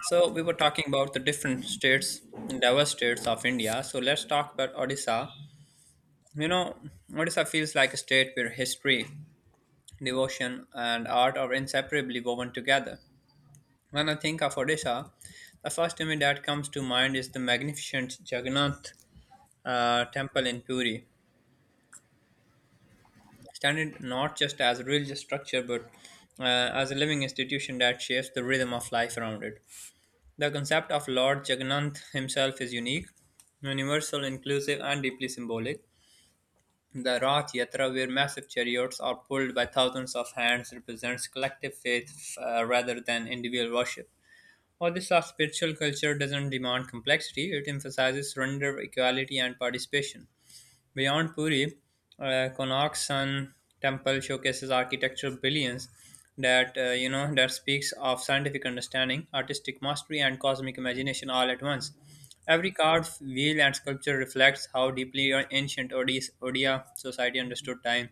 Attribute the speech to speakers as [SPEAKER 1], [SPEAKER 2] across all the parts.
[SPEAKER 1] So we were talking about the different states, diverse states of India. So let's talk about Odisha. You know, Odisha feels like a state where history, devotion, and art are inseparably woven together. When I think of Odisha, the first image that comes to mind is the magnificent Jagannath temple in Puri, standing not just as a religious structure but uh, as a living institution that shapes the rhythm of life around it. The concept of Lord Jagannath himself is unique, universal, inclusive, and deeply symbolic. The Rath Yatra, where massive chariots are pulled by thousands of hands, represents collective faith rather than individual worship. All this of spiritual culture doesn't demand complexity, it emphasizes surrender, equality, and participation. Beyond Puri, Konark Sun Temple showcases architectural brilliance that that speaks of scientific understanding, artistic mastery, and cosmic imagination all at once. Every carved wheel and sculpture reflects how deeply ancient Odia society understood time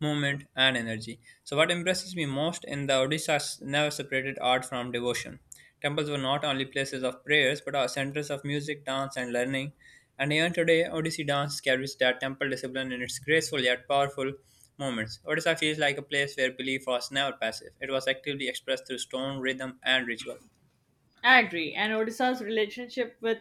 [SPEAKER 1] movement, and energy. So, what impresses me most in the Odissa's never separated art from devotion. Temples were not only places of prayers but are centers of music, dance, and learning. And even today, Odissi dance carries that temple discipline in its graceful yet powerful moments. Odisha feels like a place where belief was never passive, it was actively expressed through stone, rhythm, and ritual.
[SPEAKER 2] I agree. And Odisha's relationship with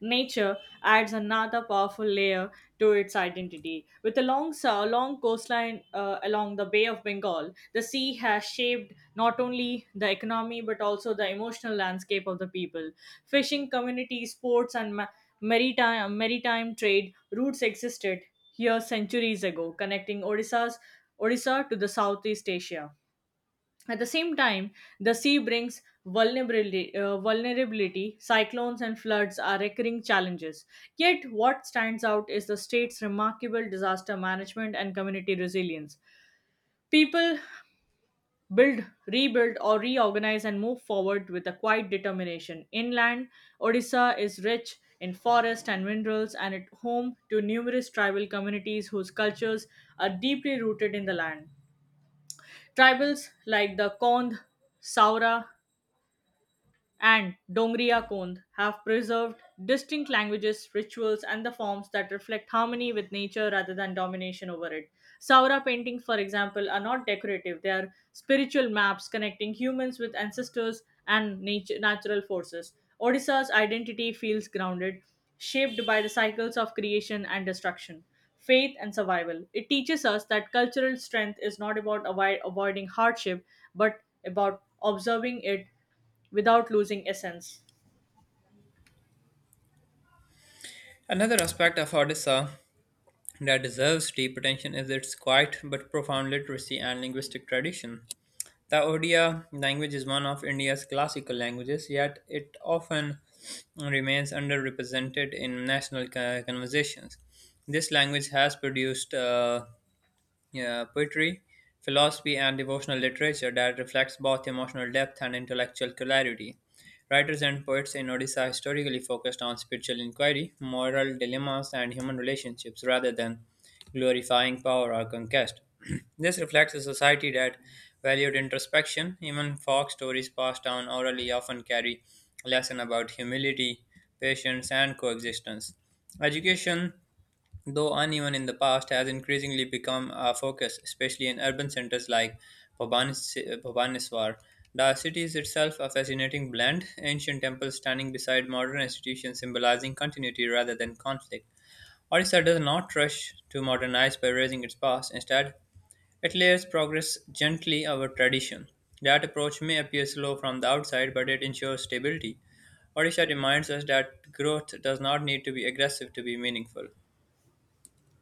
[SPEAKER 2] nature adds another powerful layer to its identity. With a long coastline along the Bay of Bengal, the sea has shaped not only the economy but also the emotional landscape of the people. Fishing communities, sports, and maritime trade routes existed here centuries ago, connecting Odisha to the Southeast Asia. At the same time, the sea brings vulnerability. Cyclones and floods are recurring challenges. Yet, what stands out is the state's remarkable disaster management and community resilience. People build, rebuild, or reorganize and move forward with a quiet determination. Inland, Odisha is rich in forest and minerals and it home to numerous tribal communities whose cultures are deeply rooted in the land. Tribals like the Kond, Saura, and Dongriya Kond have preserved distinct languages, rituals, and the forms that reflect harmony with nature rather than domination over it. Saura paintings, for example, are not decorative, they are spiritual maps connecting humans with ancestors and nature, natural forces. Odisha's identity feels grounded, shaped by the cycles of creation and destruction. Faith and survival. It teaches us that cultural strength is not about avoiding hardship, but about observing it without losing essence.
[SPEAKER 1] Another aspect of Odisha that deserves deep attention is its quiet but profound literacy and linguistic tradition. The Odia language is one of India's classical languages, yet it often remains underrepresented in national conversations. This language has produced yeah, poetry, philosophy, and devotional literature that reflects both emotional depth and intellectual clarity. Writers and poets in Odisha historically focused on spiritual inquiry, moral dilemmas, and human relationships rather than glorifying power or conquest. This reflects a society that valued introspection. Even folk stories passed down orally often carry a lesson about humility, patience, and coexistence. Education, though uneven in the past, has increasingly become a focus, especially in urban centers like Bhubaneswar. The city is itself a fascinating blend, ancient temples standing beside modern institutions symbolizing continuity rather than conflict. Odisha does not rush to modernize by raising its past. Instead, it layers progress gently over tradition. That approach may appear slow from the outside, but it ensures stability. Odisha reminds us that growth does not need to be aggressive to be meaningful.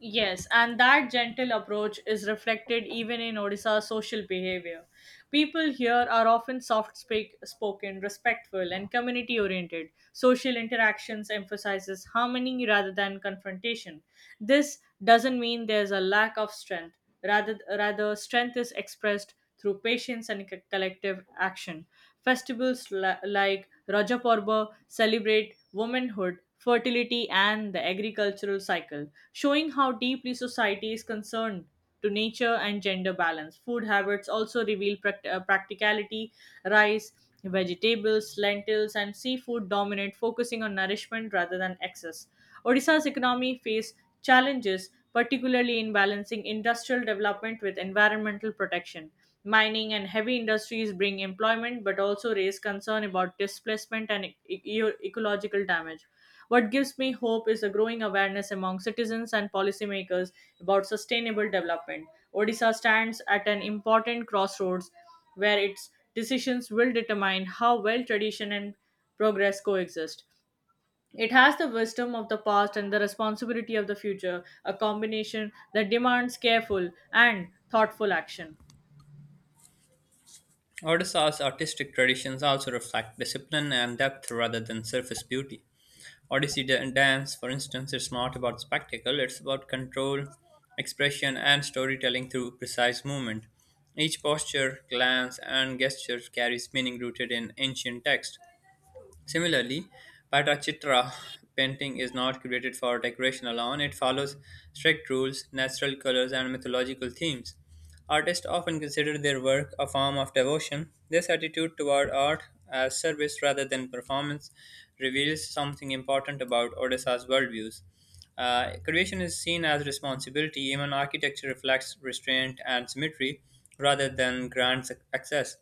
[SPEAKER 2] Yes, and that gentle approach is reflected even in Odisha's social behavior. People here are often soft spoken, respectful, and community oriented. Social interactions emphasizes harmony rather than confrontation. This doesn't mean there's a lack of strength. Rather, strength is expressed through patience and collective action. Festivals like Raja Parva celebrate womanhood, fertility, and the agricultural cycle showing how deeply society is concerned to nature and gender balance. Food habits also reveal practicality. Rice, vegetables, lentils, and seafood dominate, focusing on nourishment rather than excess. Odisha's economy face challenges, particularly in balancing industrial development with environmental protection. Mining and heavy industries bring employment but also raise concern about displacement and ecological damage. What gives me hope is a growing awareness among citizens and policymakers about sustainable development. Odisha stands at an important crossroads where its decisions will determine how well tradition and progress coexist. It has the wisdom of the past and the responsibility of the future, a combination that demands careful and thoughtful action.
[SPEAKER 1] Odysseus' artistic traditions also reflect discipline and depth rather than surface beauty. Odyssey dance, for instance, is not about spectacle, it's about control, expression, and storytelling through precise movement. Each posture, glance, and gesture carries meaning rooted in ancient text. Similarly, Pattachitra painting is not created for decoration alone, it follows strict rules, natural colors, and mythological themes. Artists often consider their work a form of devotion. This attitude toward art as service rather than performance reveals something important about Odisha's worldviews. Creation is seen as responsibility, even architecture reflects restraint and symmetry rather than grand excess.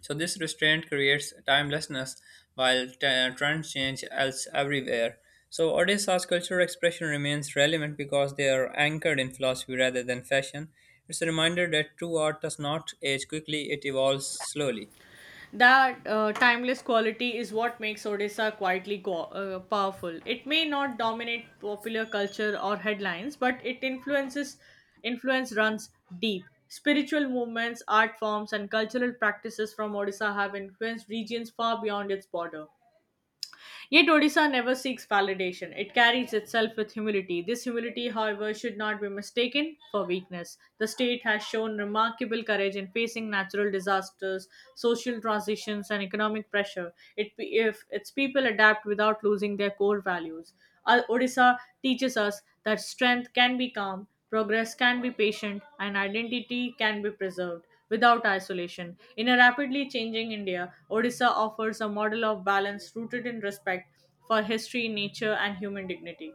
[SPEAKER 1] So this restraint creates timelessness while trends change else everywhere. So Odessa's cultural expression remains relevant because they are anchored in philosophy rather than fashion. It's a reminder that true art does not age quickly, it evolves slowly.
[SPEAKER 2] That timeless quality is what makes Odisha quietly powerful. It may not dominate popular culture or headlines, but it influences influence runs deep. Spiritual movements, art forms, and cultural practices from Odisha have influenced regions far beyond its border. Yet Odisha never seeks validation. It carries itself with humility. This humility, however, should not be mistaken for weakness. The state has shown remarkable courage in facing natural disasters, social transitions, and economic pressure. It, if its people adapt without losing their core values. Odisha teaches us that strength can be calm, progress can be patient, and identity can be preserved without isolation. In a rapidly changing India, Odisha offers a model of balance rooted in respect for history, nature, and human dignity.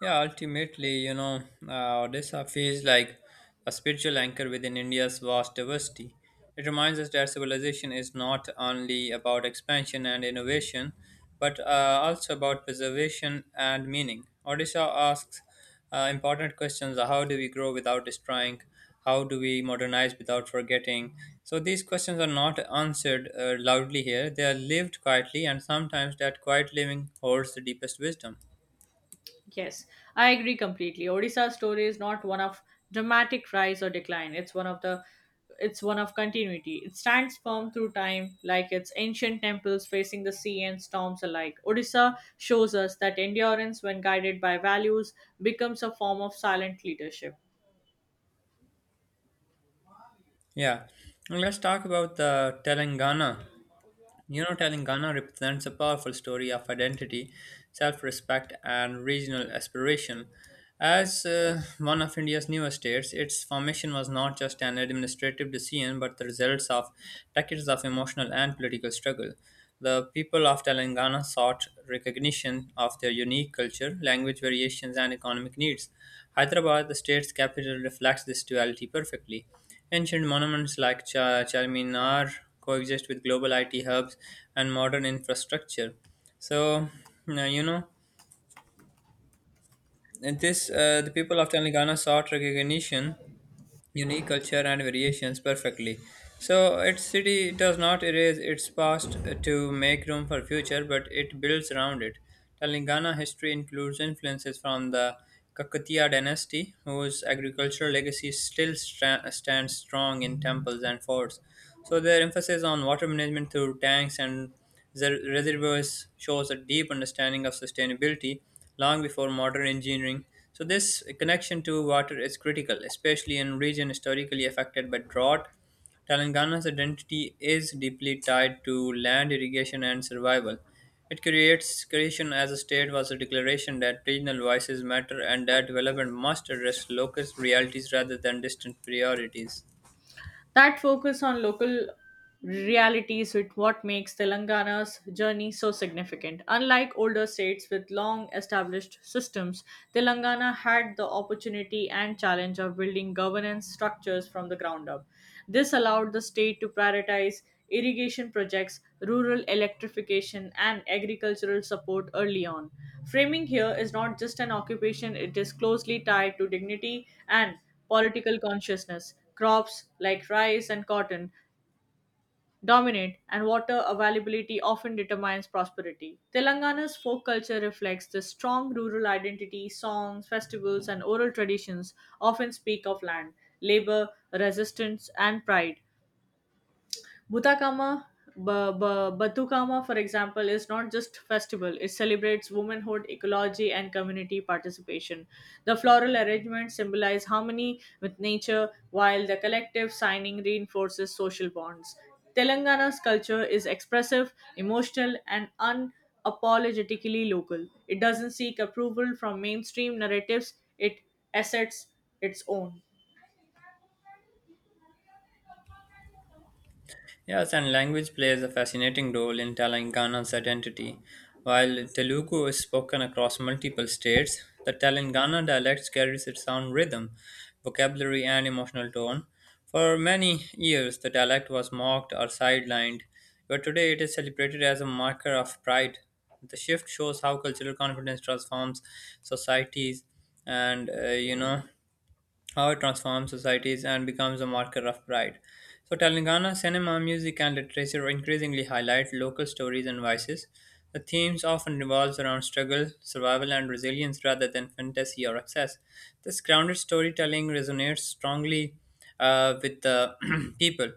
[SPEAKER 1] Yeah, ultimately, Odisha feels like a spiritual anchor within India's vast diversity. It reminds us that civilization is not only about expansion and innovation, but also about preservation and meaning. Odisha asks important questions. How do we grow without destroying? How do we modernize without forgetting? So these questions are not answered loudly here, they are lived quietly, and sometimes that quiet living holds the deepest wisdom.
[SPEAKER 2] Yes, I agree completely. Odisha's story is not one of dramatic rise or decline. It's one of continuity. It stands firm through time, like its ancient temples facing the sea and storms alike. Odisha shows us that endurance, when guided by values, becomes a form of silent leadership.
[SPEAKER 1] Yeah, and let's talk about the Telangana. You know, Telangana represents a powerful story of identity, self respect, and regional aspiration. As one of India's newest states, its formation was not just an administrative decision but the results of decades of emotional and political struggle. The people of Telangana sought recognition of their unique culture, language variations, and economic needs. Hyderabad, the state's capital, reflects this duality perfectly. Ancient monuments like Charminar coexist with global IT hubs and modern infrastructure. So, now, you know, this the people of Telangana sought recognition unique culture and variations perfectly. So its city does not erase its past to make room for future, but it builds around it. Telangana history includes influences from the Kakatiya dynasty, whose agricultural legacy still stands strong in temples and forts. So their emphasis on water management through tanks and reservoirs shows a deep understanding of sustainability long before modern engineering. So this connection to water is critical, especially in region historically affected by drought. Telangana's identity is deeply tied to land irrigation and survival. It creates creation as a state was a declaration that regional voices matter and that development must address local realities rather than distant priorities.
[SPEAKER 2] That focus on local realities is what makes Telangana's journey so significant. Unlike older states with long established systems, Telangana had the opportunity and challenge of building governance structures from the ground up. This allowed the state to prioritize irrigation projects, rural electrification, and agricultural support early on. Framing here is not just an occupation, it is closely tied to dignity and political consciousness. Crops like rice and cotton dominate, and water availability often determines prosperity. Telangana's folk culture reflects the strong rural identity, songs, festivals, and oral traditions often speak of land, labor, resistance, and pride. Butakama, Batukama, for example, is not just festival. It celebrates womanhood, ecology, and community participation. The floral arrangements symbolize harmony with nature, while the collective signing reinforces social bonds. Telangana's culture is expressive, emotional, and unapologetically local. It doesn't seek approval from mainstream narratives. It asserts its own.
[SPEAKER 1] Yes, and language plays a fascinating role in Telangana's identity. While Telugu is spoken across multiple states, the Telangana dialect carries its own rhythm, vocabulary, and emotional tone. For many years, the dialect was mocked or sidelined, but today it is celebrated as a marker of pride. The shift shows how cultural confidence transforms societies, and how it transforms societies and becomes a marker of pride. So, Telangana cinema, music, and literature increasingly highlight local stories and voices. The themes often revolves around struggle, survival, and resilience rather than fantasy or excess. This grounded storytelling resonates strongly with the people.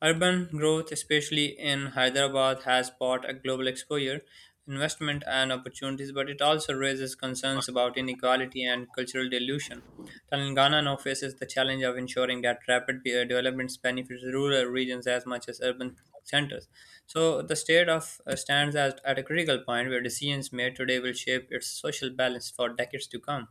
[SPEAKER 1] Urban growth, especially in Hyderabad, has brought a global exposure, investment, and opportunities, but it also raises concerns about inequality and cultural dilution. Telangana now faces the challenge of ensuring that rapid developments benefits rural regions as much as urban centers. So the state of stands at a critical point where decisions made today will shape its social balance for decades to come.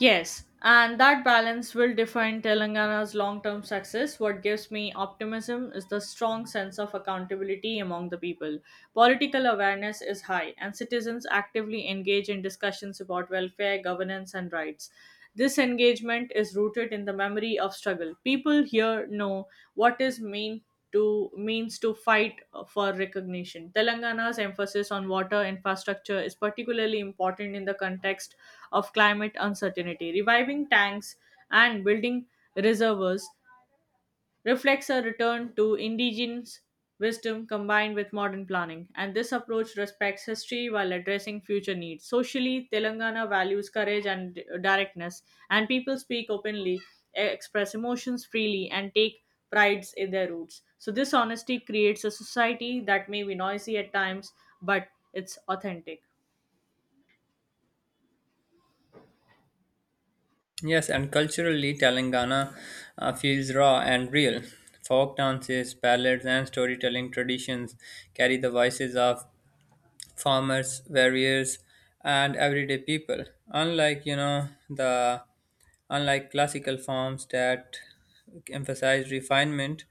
[SPEAKER 2] Yes, and that balance will define Telangana's long term success. What gives me optimism is the strong sense of accountability among the people. Political awareness is high, and citizens actively engage in discussions about welfare, governance, and rights. This engagement is rooted in the memory of struggle. People here know what is mean to means to fight for recognition. Telangana's emphasis on water infrastructure is particularly important in the context of climate uncertainty. Reviving tanks and building reservoirs reflects a return to indigenous wisdom combined with modern planning, and this approach respects history while addressing future needs. Socially, Telangana values courage and directness, and people speak openly, express emotions freely, and take prides in their roots. So, this honesty creates a society that may be noisy at times, but it's authentic.
[SPEAKER 1] Yes, and culturally, Telangana feels raw and real. Folk dances, ballads, and storytelling traditions carry the voices of farmers, warriors, and everyday people. Unlike, you know, the Unlike classical forms that emphasize refinement,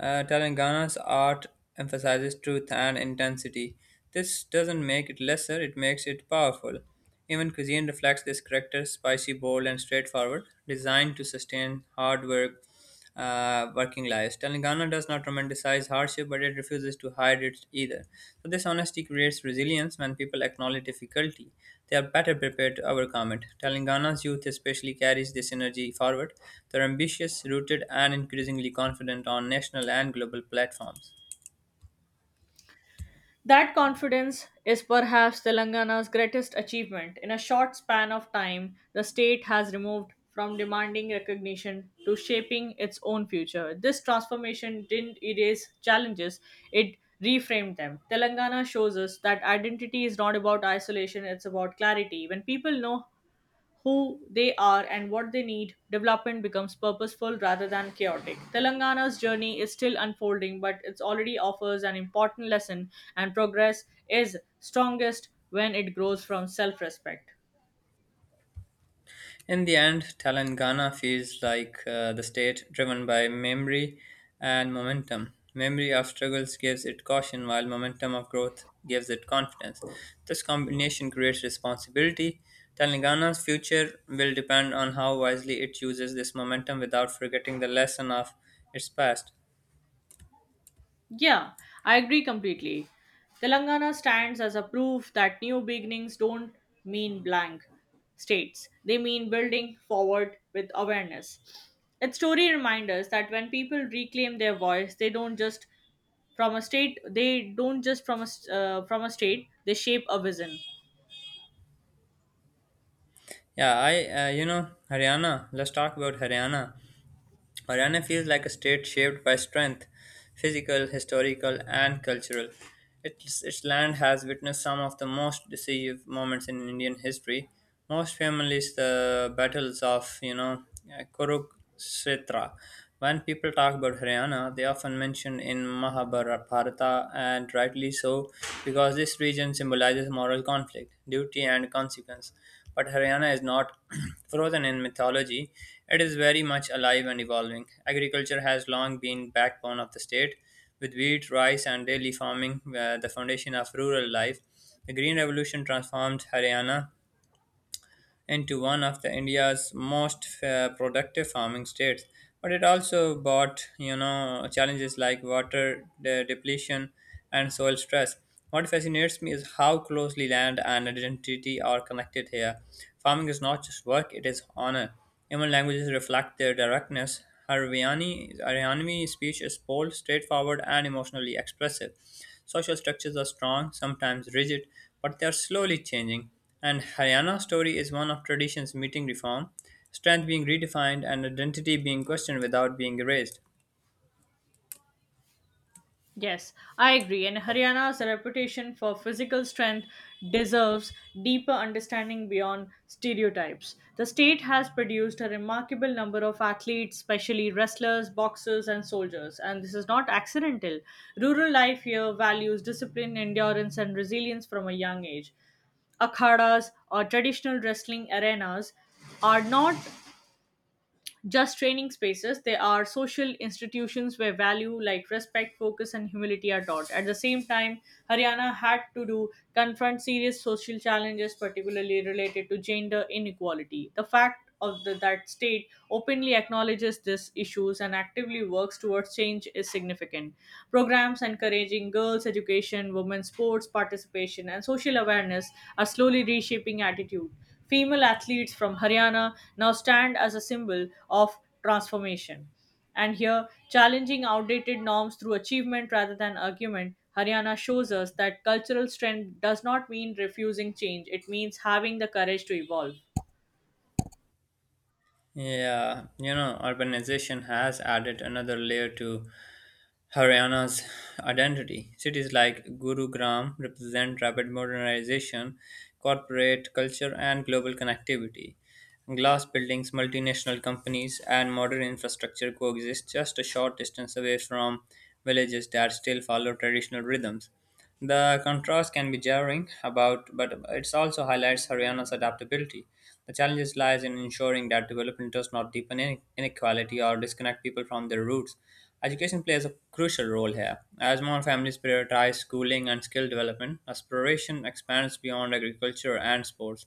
[SPEAKER 1] Telangana's art emphasizes truth and intensity. This doesn't make it lesser, it makes it powerful. Even cuisine reflects this character spicy, bold, and straightforward, designed to sustain hard work, working lives. Telangana does not romanticize criticize hardship, but it refuses to hide it either. So, this honesty creates resilience when people acknowledge difficulty. They are better prepared to overcome it. Telangana's youth especially carries this energy forward. They're ambitious, rooted, and increasingly confident on national and global platforms.
[SPEAKER 2] That confidence is perhaps Telangana's greatest achievement. In a short span of time, the state has removed from demanding recognition to shaping its own future. This transformation didn't erase challenges, it reframed them. Telangana shows us that identity is not about isolation, it's about clarity. When people know who they are and what they need, development becomes purposeful rather than chaotic. Telangana's journey is still unfolding, but it already offers an important lesson, and progress is strongest when it grows from self respect.
[SPEAKER 1] In the end, Telangana feels like the state driven by memory and momentum. Memory of struggles gives it caution, while momentum of growth gives it confidence. This combination creates responsibility. Telangana's future will depend on how wisely it uses this momentum without forgetting the lesson of its past.
[SPEAKER 2] Yeah, I agree completely. Telangana stands as a proof that new beginnings don't mean blank states, they mean building forward with awareness. Its story reminds us that when people reclaim their voice, they don't just from a state they shape a vision.
[SPEAKER 1] Yeah, I, you know, Haryana, Let's talk about Haryana. Haryana feels like a state shaped by strength, physical, historical, and cultural. Its land has witnessed some of the most decisive moments in Indian history, most famously the battles of Kurukshetra. When people talk about Haryana, they often mention in Mahabharata, and rightly so, because this region symbolizes moral conflict, duty, and consequence, but Haryana is not frozen in mythology. It is very much alive and evolving. Agriculture has long been backbone of the state, with wheat, rice, and daily farming the foundation of rural life. The Green Revolution transformed Haryana into one of the India's most productive farming states. But it also brought, you know, challenges like water depletion and soil stress. What fascinates me is how closely land and identity are connected here. Farming is not just work; it is honor. Even languages reflect their directness. Haryanvi speech is bold, straightforward, and emotionally expressive. Social structures are strong, sometimes rigid, but they are slowly changing. And Haryana's story is one of traditions meeting reform, strength being redefined, and identity being questioned without being erased.
[SPEAKER 2] Yes, I agree. And Haryana's reputation for physical strength deserves deeper understanding beyond stereotypes. The state has produced a remarkable number of athletes, especially wrestlers, boxers, and soldiers, and this is not accidental. Rural life here values discipline, endurance, and resilience from a young age akhadas or traditional wrestling arenas are not just training spaces. They are social institutions where value like respect, focus, and humility are taught. At the same time, Haryana had to do confront serious social challenges, particularly related to gender inequality. The fact of the, that state openly acknowledges these issues and actively works towards change is significant. Programs encouraging girls' education, women's sports participation, and social awareness are slowly reshaping attitude. Female athletes from Haryana now stand as a symbol of transformation. And here, challenging outdated norms through achievement rather than argument, Haryana shows us that cultural strength does not mean refusing change, it means having the courage to evolve.
[SPEAKER 1] Yeah, you know, urbanization has added another layer to Haryana's identity. Cities like Gurugram represent rapid modernization, corporate culture, and global connectivity. Glass buildings, multinational companies, and modern infrastructure coexist just a short distance away from villages that still follow traditional rhythms. The contrast can be jarring about, but it also highlights Haryana's adaptability. The challenge lies in ensuring that development does not deepen inequality or disconnect people from their roots. Education plays a crucial role here. As more families prioritize schooling and skill development, aspiration expands beyond agriculture and sports.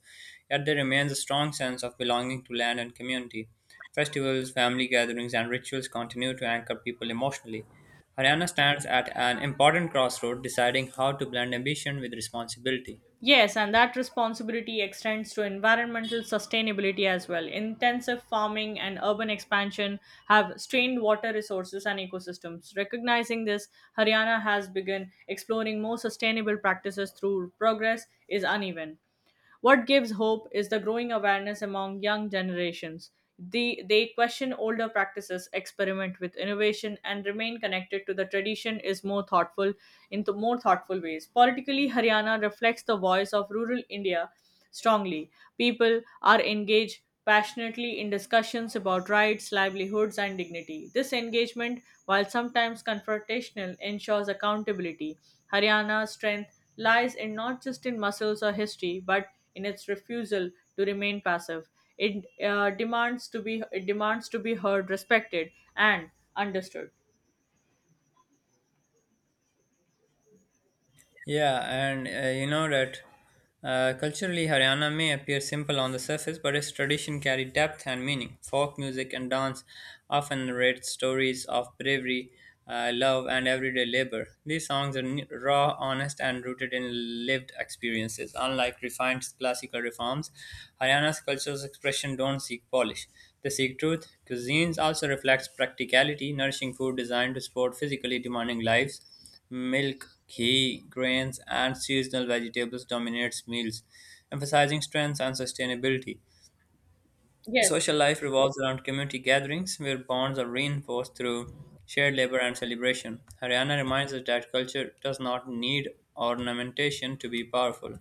[SPEAKER 1] Yet there remains a strong sense of belonging to land and community. Festivals, family gatherings, and rituals continue to anchor people emotionally. Haryana stands at an important crossroad, deciding how to blend ambition with responsibility.
[SPEAKER 2] Yes, and that responsibility extends to environmental sustainability as well. Intensive farming and urban expansion have strained water resources and ecosystems. Recognizing this, Haryana has begun exploring more sustainable practices through progress is uneven. What gives hope is the growing awareness among young generations. The, they question older practices, experiment with innovation, and remain connected to the tradition is more thoughtful more thoughtful ways. Politically, Haryana reflects the voice of rural India strongly. People are engaged passionately in discussions about rights, livelihoods, and dignity. This engagement, while sometimes confrontational, ensures accountability. Haryana's strength lies in not just in muscles or history, but in its refusal to remain passive. It demands to be it demands to be heard, respected, and understood.
[SPEAKER 1] Yeah, and you know that culturally, Haryana may appear simple on the surface, but its tradition carry depth and meaning. Folk music and dance often narrate stories of bravery, love, and everyday labor. These songs are raw, honest, and rooted in lived experiences. Unlike refined classical reforms, Haryana's cultural expression don't seek polish. They seek truth. Cuisines also reflects practicality, nourishing food designed to support physically demanding lives. Milk, ghee, grains, and seasonal vegetables dominates meals, emphasizing strength and sustainability.
[SPEAKER 2] Yes.
[SPEAKER 1] Social life revolves around community gatherings where bonds are reinforced through shared labor and celebration. Haryana reminds us that culture does not need ornamentation to be powerful.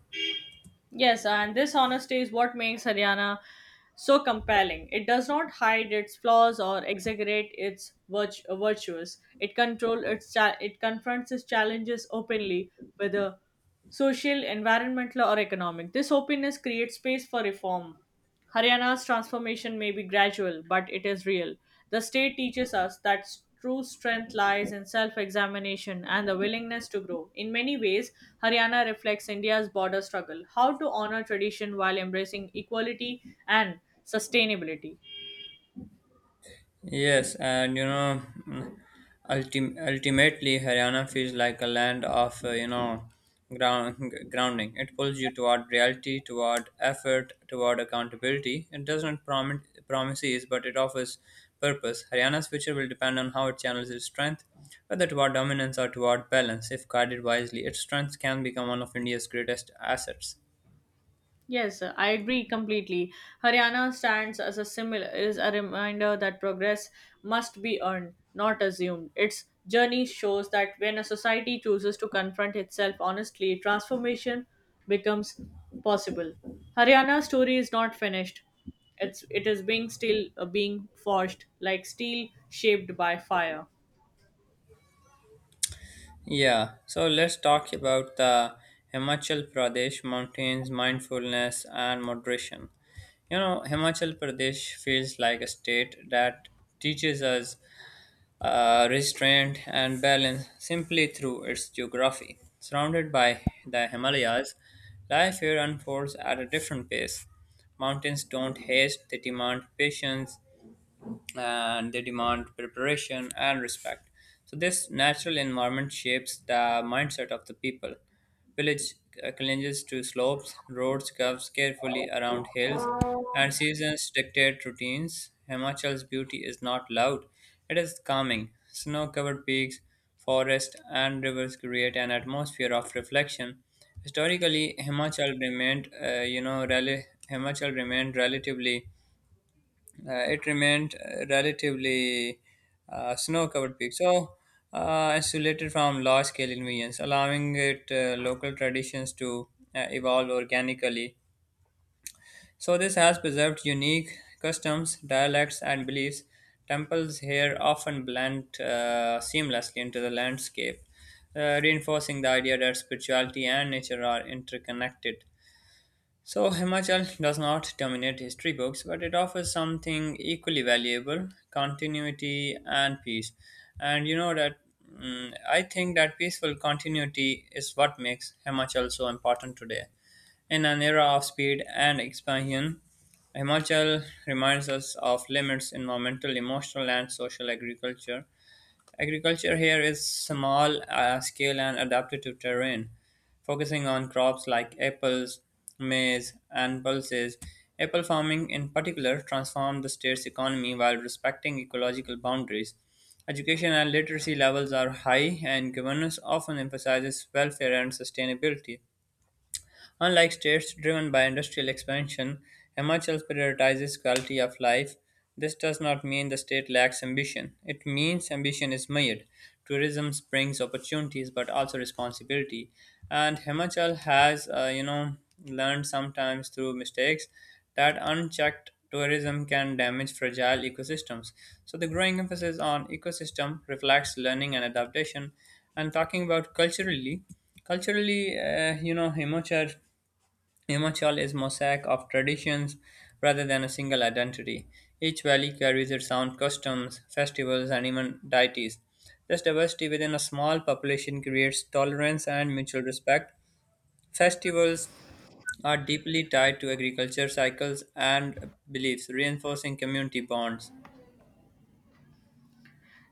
[SPEAKER 2] Yes, and this honesty is what makes Haryana so compelling. It does not hide its flaws or exaggerate its virtues. It confronts its challenges openly, whether social, environmental, or economic. This openness creates space for reform. Haryana's transformation may be gradual, but it is real. The state teaches us that true strength lies in self examination and the willingness to grow. In many ways, Haryana reflects India's border struggle how to honor tradition while embracing equality and sustainability.
[SPEAKER 1] Yes, and mm, ultimately, Haryana feels like a land of ground grounding. It pulls you toward reality, toward effort, toward accountability. It doesn't promises, but it offers purpose. Haryana's future will depend on how it channels its strength, whether toward dominance or toward balance. If guided wisely, its strength can become one of India's greatest assets.
[SPEAKER 2] Yes, I agree completely. Haryana stands as a similar is a reminder that progress must be earned, not assumed. Its journey shows that when a society chooses to confront itself honestly, transformation becomes possible. Haryana's story is not finished. It's it is being still being forged like steel shaped by fire.
[SPEAKER 1] Yeah, so let's talk about the Himachal Pradesh mountains, mindfulness, and moderation. You know, Himachal Pradesh feels like a state that teaches us restraint and balance simply through its geography. Surrounded by the Himalayas, life here unfolds at a different pace. Mountains don't haste, they demand patience, and they demand preparation and respect. So, this natural environment shapes the mindset of the people. Village clinges to slopes, roads curves carefully around hills, and seasons dictate routines. Himachal's beauty is not loud, it is calming. Snow covered peaks, forests, and rivers create an atmosphere of reflection. Historically, Himachal remained relatively it remained relatively snow-covered peak, so insulated from large-scale invasions, allowing it local traditions to evolve organically. So this has preserved unique customs, dialects, and beliefs. Temples here often blend seamlessly into the landscape, reinforcing the idea that spirituality and nature are interconnected. So, Himachal does not dominate history books, but it offers something equally valuable continuity and peace. And I think that peaceful continuity is what makes Himachal so important today. In an era of speed and expansion, Himachal reminds us of limits, environmental, emotional, and social agriculture. Agriculture here is small scale and adapted to terrain, focusing on crops like apples, maize, and pulses. Apple farming, in particular, transformed the state's economy while respecting ecological boundaries. Education and literacy levels are high, and governance often emphasizes welfare and sustainability. Unlike states driven by industrial expansion, Himachal prioritizes quality of life. This does not mean the state lacks ambition. It means ambition is mired. Tourism brings opportunities but also responsibility. And Himachal has, learned sometimes through mistakes that unchecked tourism can damage fragile ecosystems. So the growing emphasis on ecosystem reflects learning and adaptation. And talking about culturally, Himachal is mosaic of traditions rather than a single identity. Each valley carries its own customs, festivals, and even deities. This diversity within a small population creates tolerance and mutual respect. Festivals are deeply tied to agriculture cycles and beliefs, reinforcing community bonds.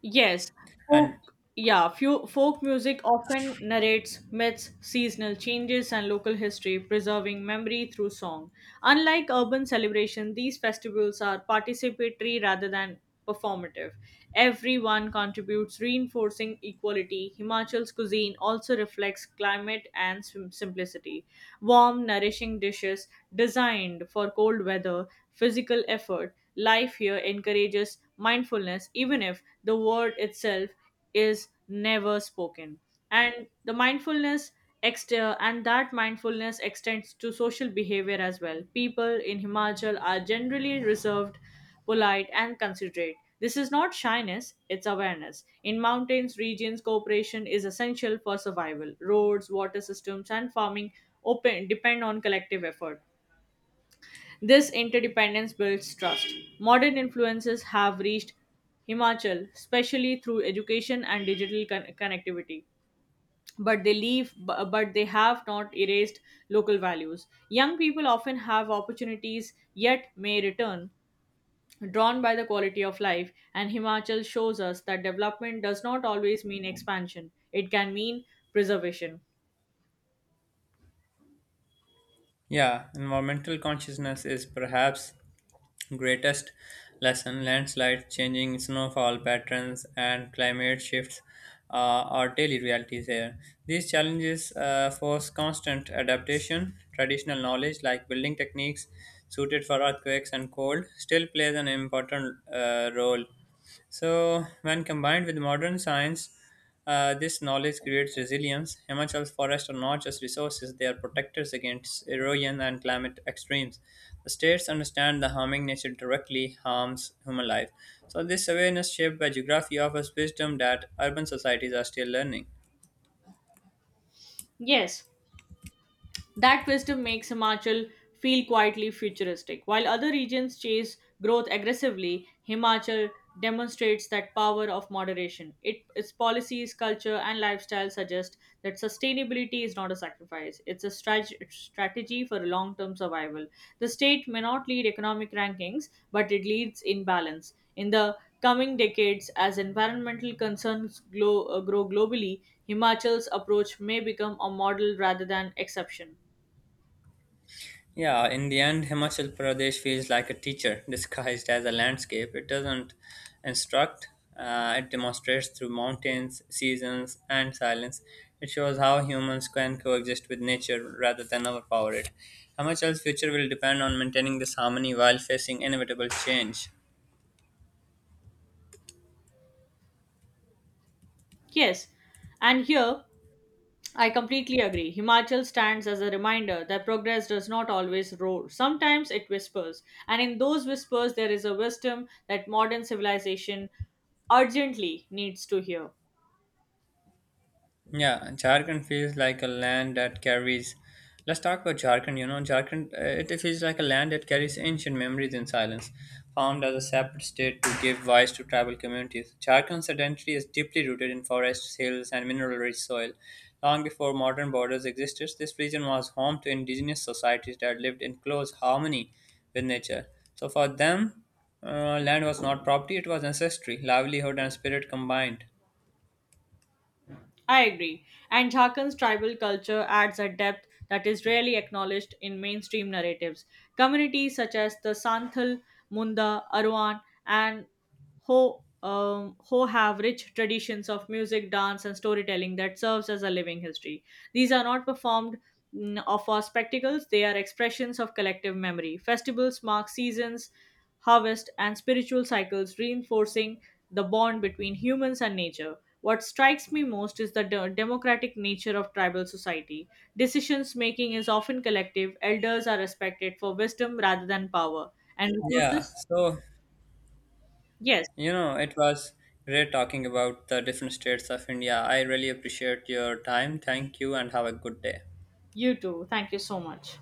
[SPEAKER 2] Yes,
[SPEAKER 1] And
[SPEAKER 2] folk music often narrates myths, seasonal changes, and local history, preserving memory through song. Unlike urban celebration, these festivals are participatory rather than performative. Everyone contributes, reinforcing equality. Himachal's cuisine also reflects climate and simplicity. Warm, nourishing dishes designed for cold weather, physical effort, life here encourages mindfulness, even if the word itself is never spoken. And the mindfulness and that mindfulness extends to social behavior as well. People in Himachal are generally reserved, polite, and considerate. This is not shyness, it's awareness. In mountains regions, cooperation is essential for survival. Roads, water systems, and farming open depend on collective effort this interdependence builds trust. Modern influences have reached Himachal, especially through education and digital connectivity. But they leave, bu- but they have not erased local values. Young people often have opportunities, yet may return, drawn by the quality of life. And Himachal shows us that development does not always mean expansion; it can mean preservation.
[SPEAKER 1] Yeah, environmental consciousness is perhaps greatest lesson. Landslides, changing snowfall patterns, and climate shifts are daily realities here. These challenges force constant adaptation. Traditional knowledge, like building techniques suited for earthquakes and cold, still plays an important role. So, when combined with modern science, this knowledge creates resilience. Himachal's forests are not just resources, they are protectors against erosion and climate extremes. The states understand the harming nature directly harms human life. So, this awareness shaped by geography offers wisdom that urban societies are still learning.
[SPEAKER 2] Yes, that wisdom makes Himachal feel quietly futuristic. While other regions chase growth aggressively, Himachal demonstrates that power of moderation. It, its policies, culture, and lifestyle suggest that sustainability is not a sacrifice, it's a strategy for long term survival. The state may not lead economic rankings, but it leads in balance. In the coming decades, as environmental concerns grow globally, Himachal's approach may become a model rather than exception.
[SPEAKER 1] Yeah, in the end, Himachal Pradesh feels like a teacher disguised as a landscape. It doesn't instruct, it demonstrates through mountains, seasons, and silence. It shows how humans can coexist with nature rather than overpower it. Himachal's future will depend on maintaining this harmony while facing inevitable change.
[SPEAKER 2] Yes, and here I completely agree. Himachal stands as a reminder that progress does not always roar. Sometimes it whispers, and in those whispers, there is a wisdom that modern civilization urgently needs to hear.
[SPEAKER 1] Yeah, Jharkhand feels like a land that carries. Let's talk about Jharkhand. You know, Jharkhand, it feels like a land that carries ancient memories in silence, formed as a separate state to give voice to tribal communities. Jharkhand's identity is deeply rooted in forests, hills, and mineral rich soil. Long before modern borders existed, this region was home to indigenous societies that lived in close harmony with nature. So for them, land was not property, it was ancestry, livelihood, and spirit combined.
[SPEAKER 2] I agree. And Jharkhand's tribal culture adds a depth that is rarely acknowledged in mainstream narratives. Communities such as the Santhal, Munda, Arwan, and Ho have rich traditions of music, dance, and storytelling that serves as a living history. These are not performed or for spectacles, they are expressions of collective memory. Festivals mark seasons, harvest, and spiritual cycles, reinforcing the bond between humans and nature. What strikes me most is the democratic nature of tribal society. Decisions making is often collective, elders are respected for wisdom rather than power. And
[SPEAKER 1] Yeah,
[SPEAKER 2] resources?
[SPEAKER 1] so
[SPEAKER 2] Yes,
[SPEAKER 1] You know, it was great talking about the different states of India. I really appreciate your time. Thank you and have a good day.
[SPEAKER 2] you too. Thank you so much.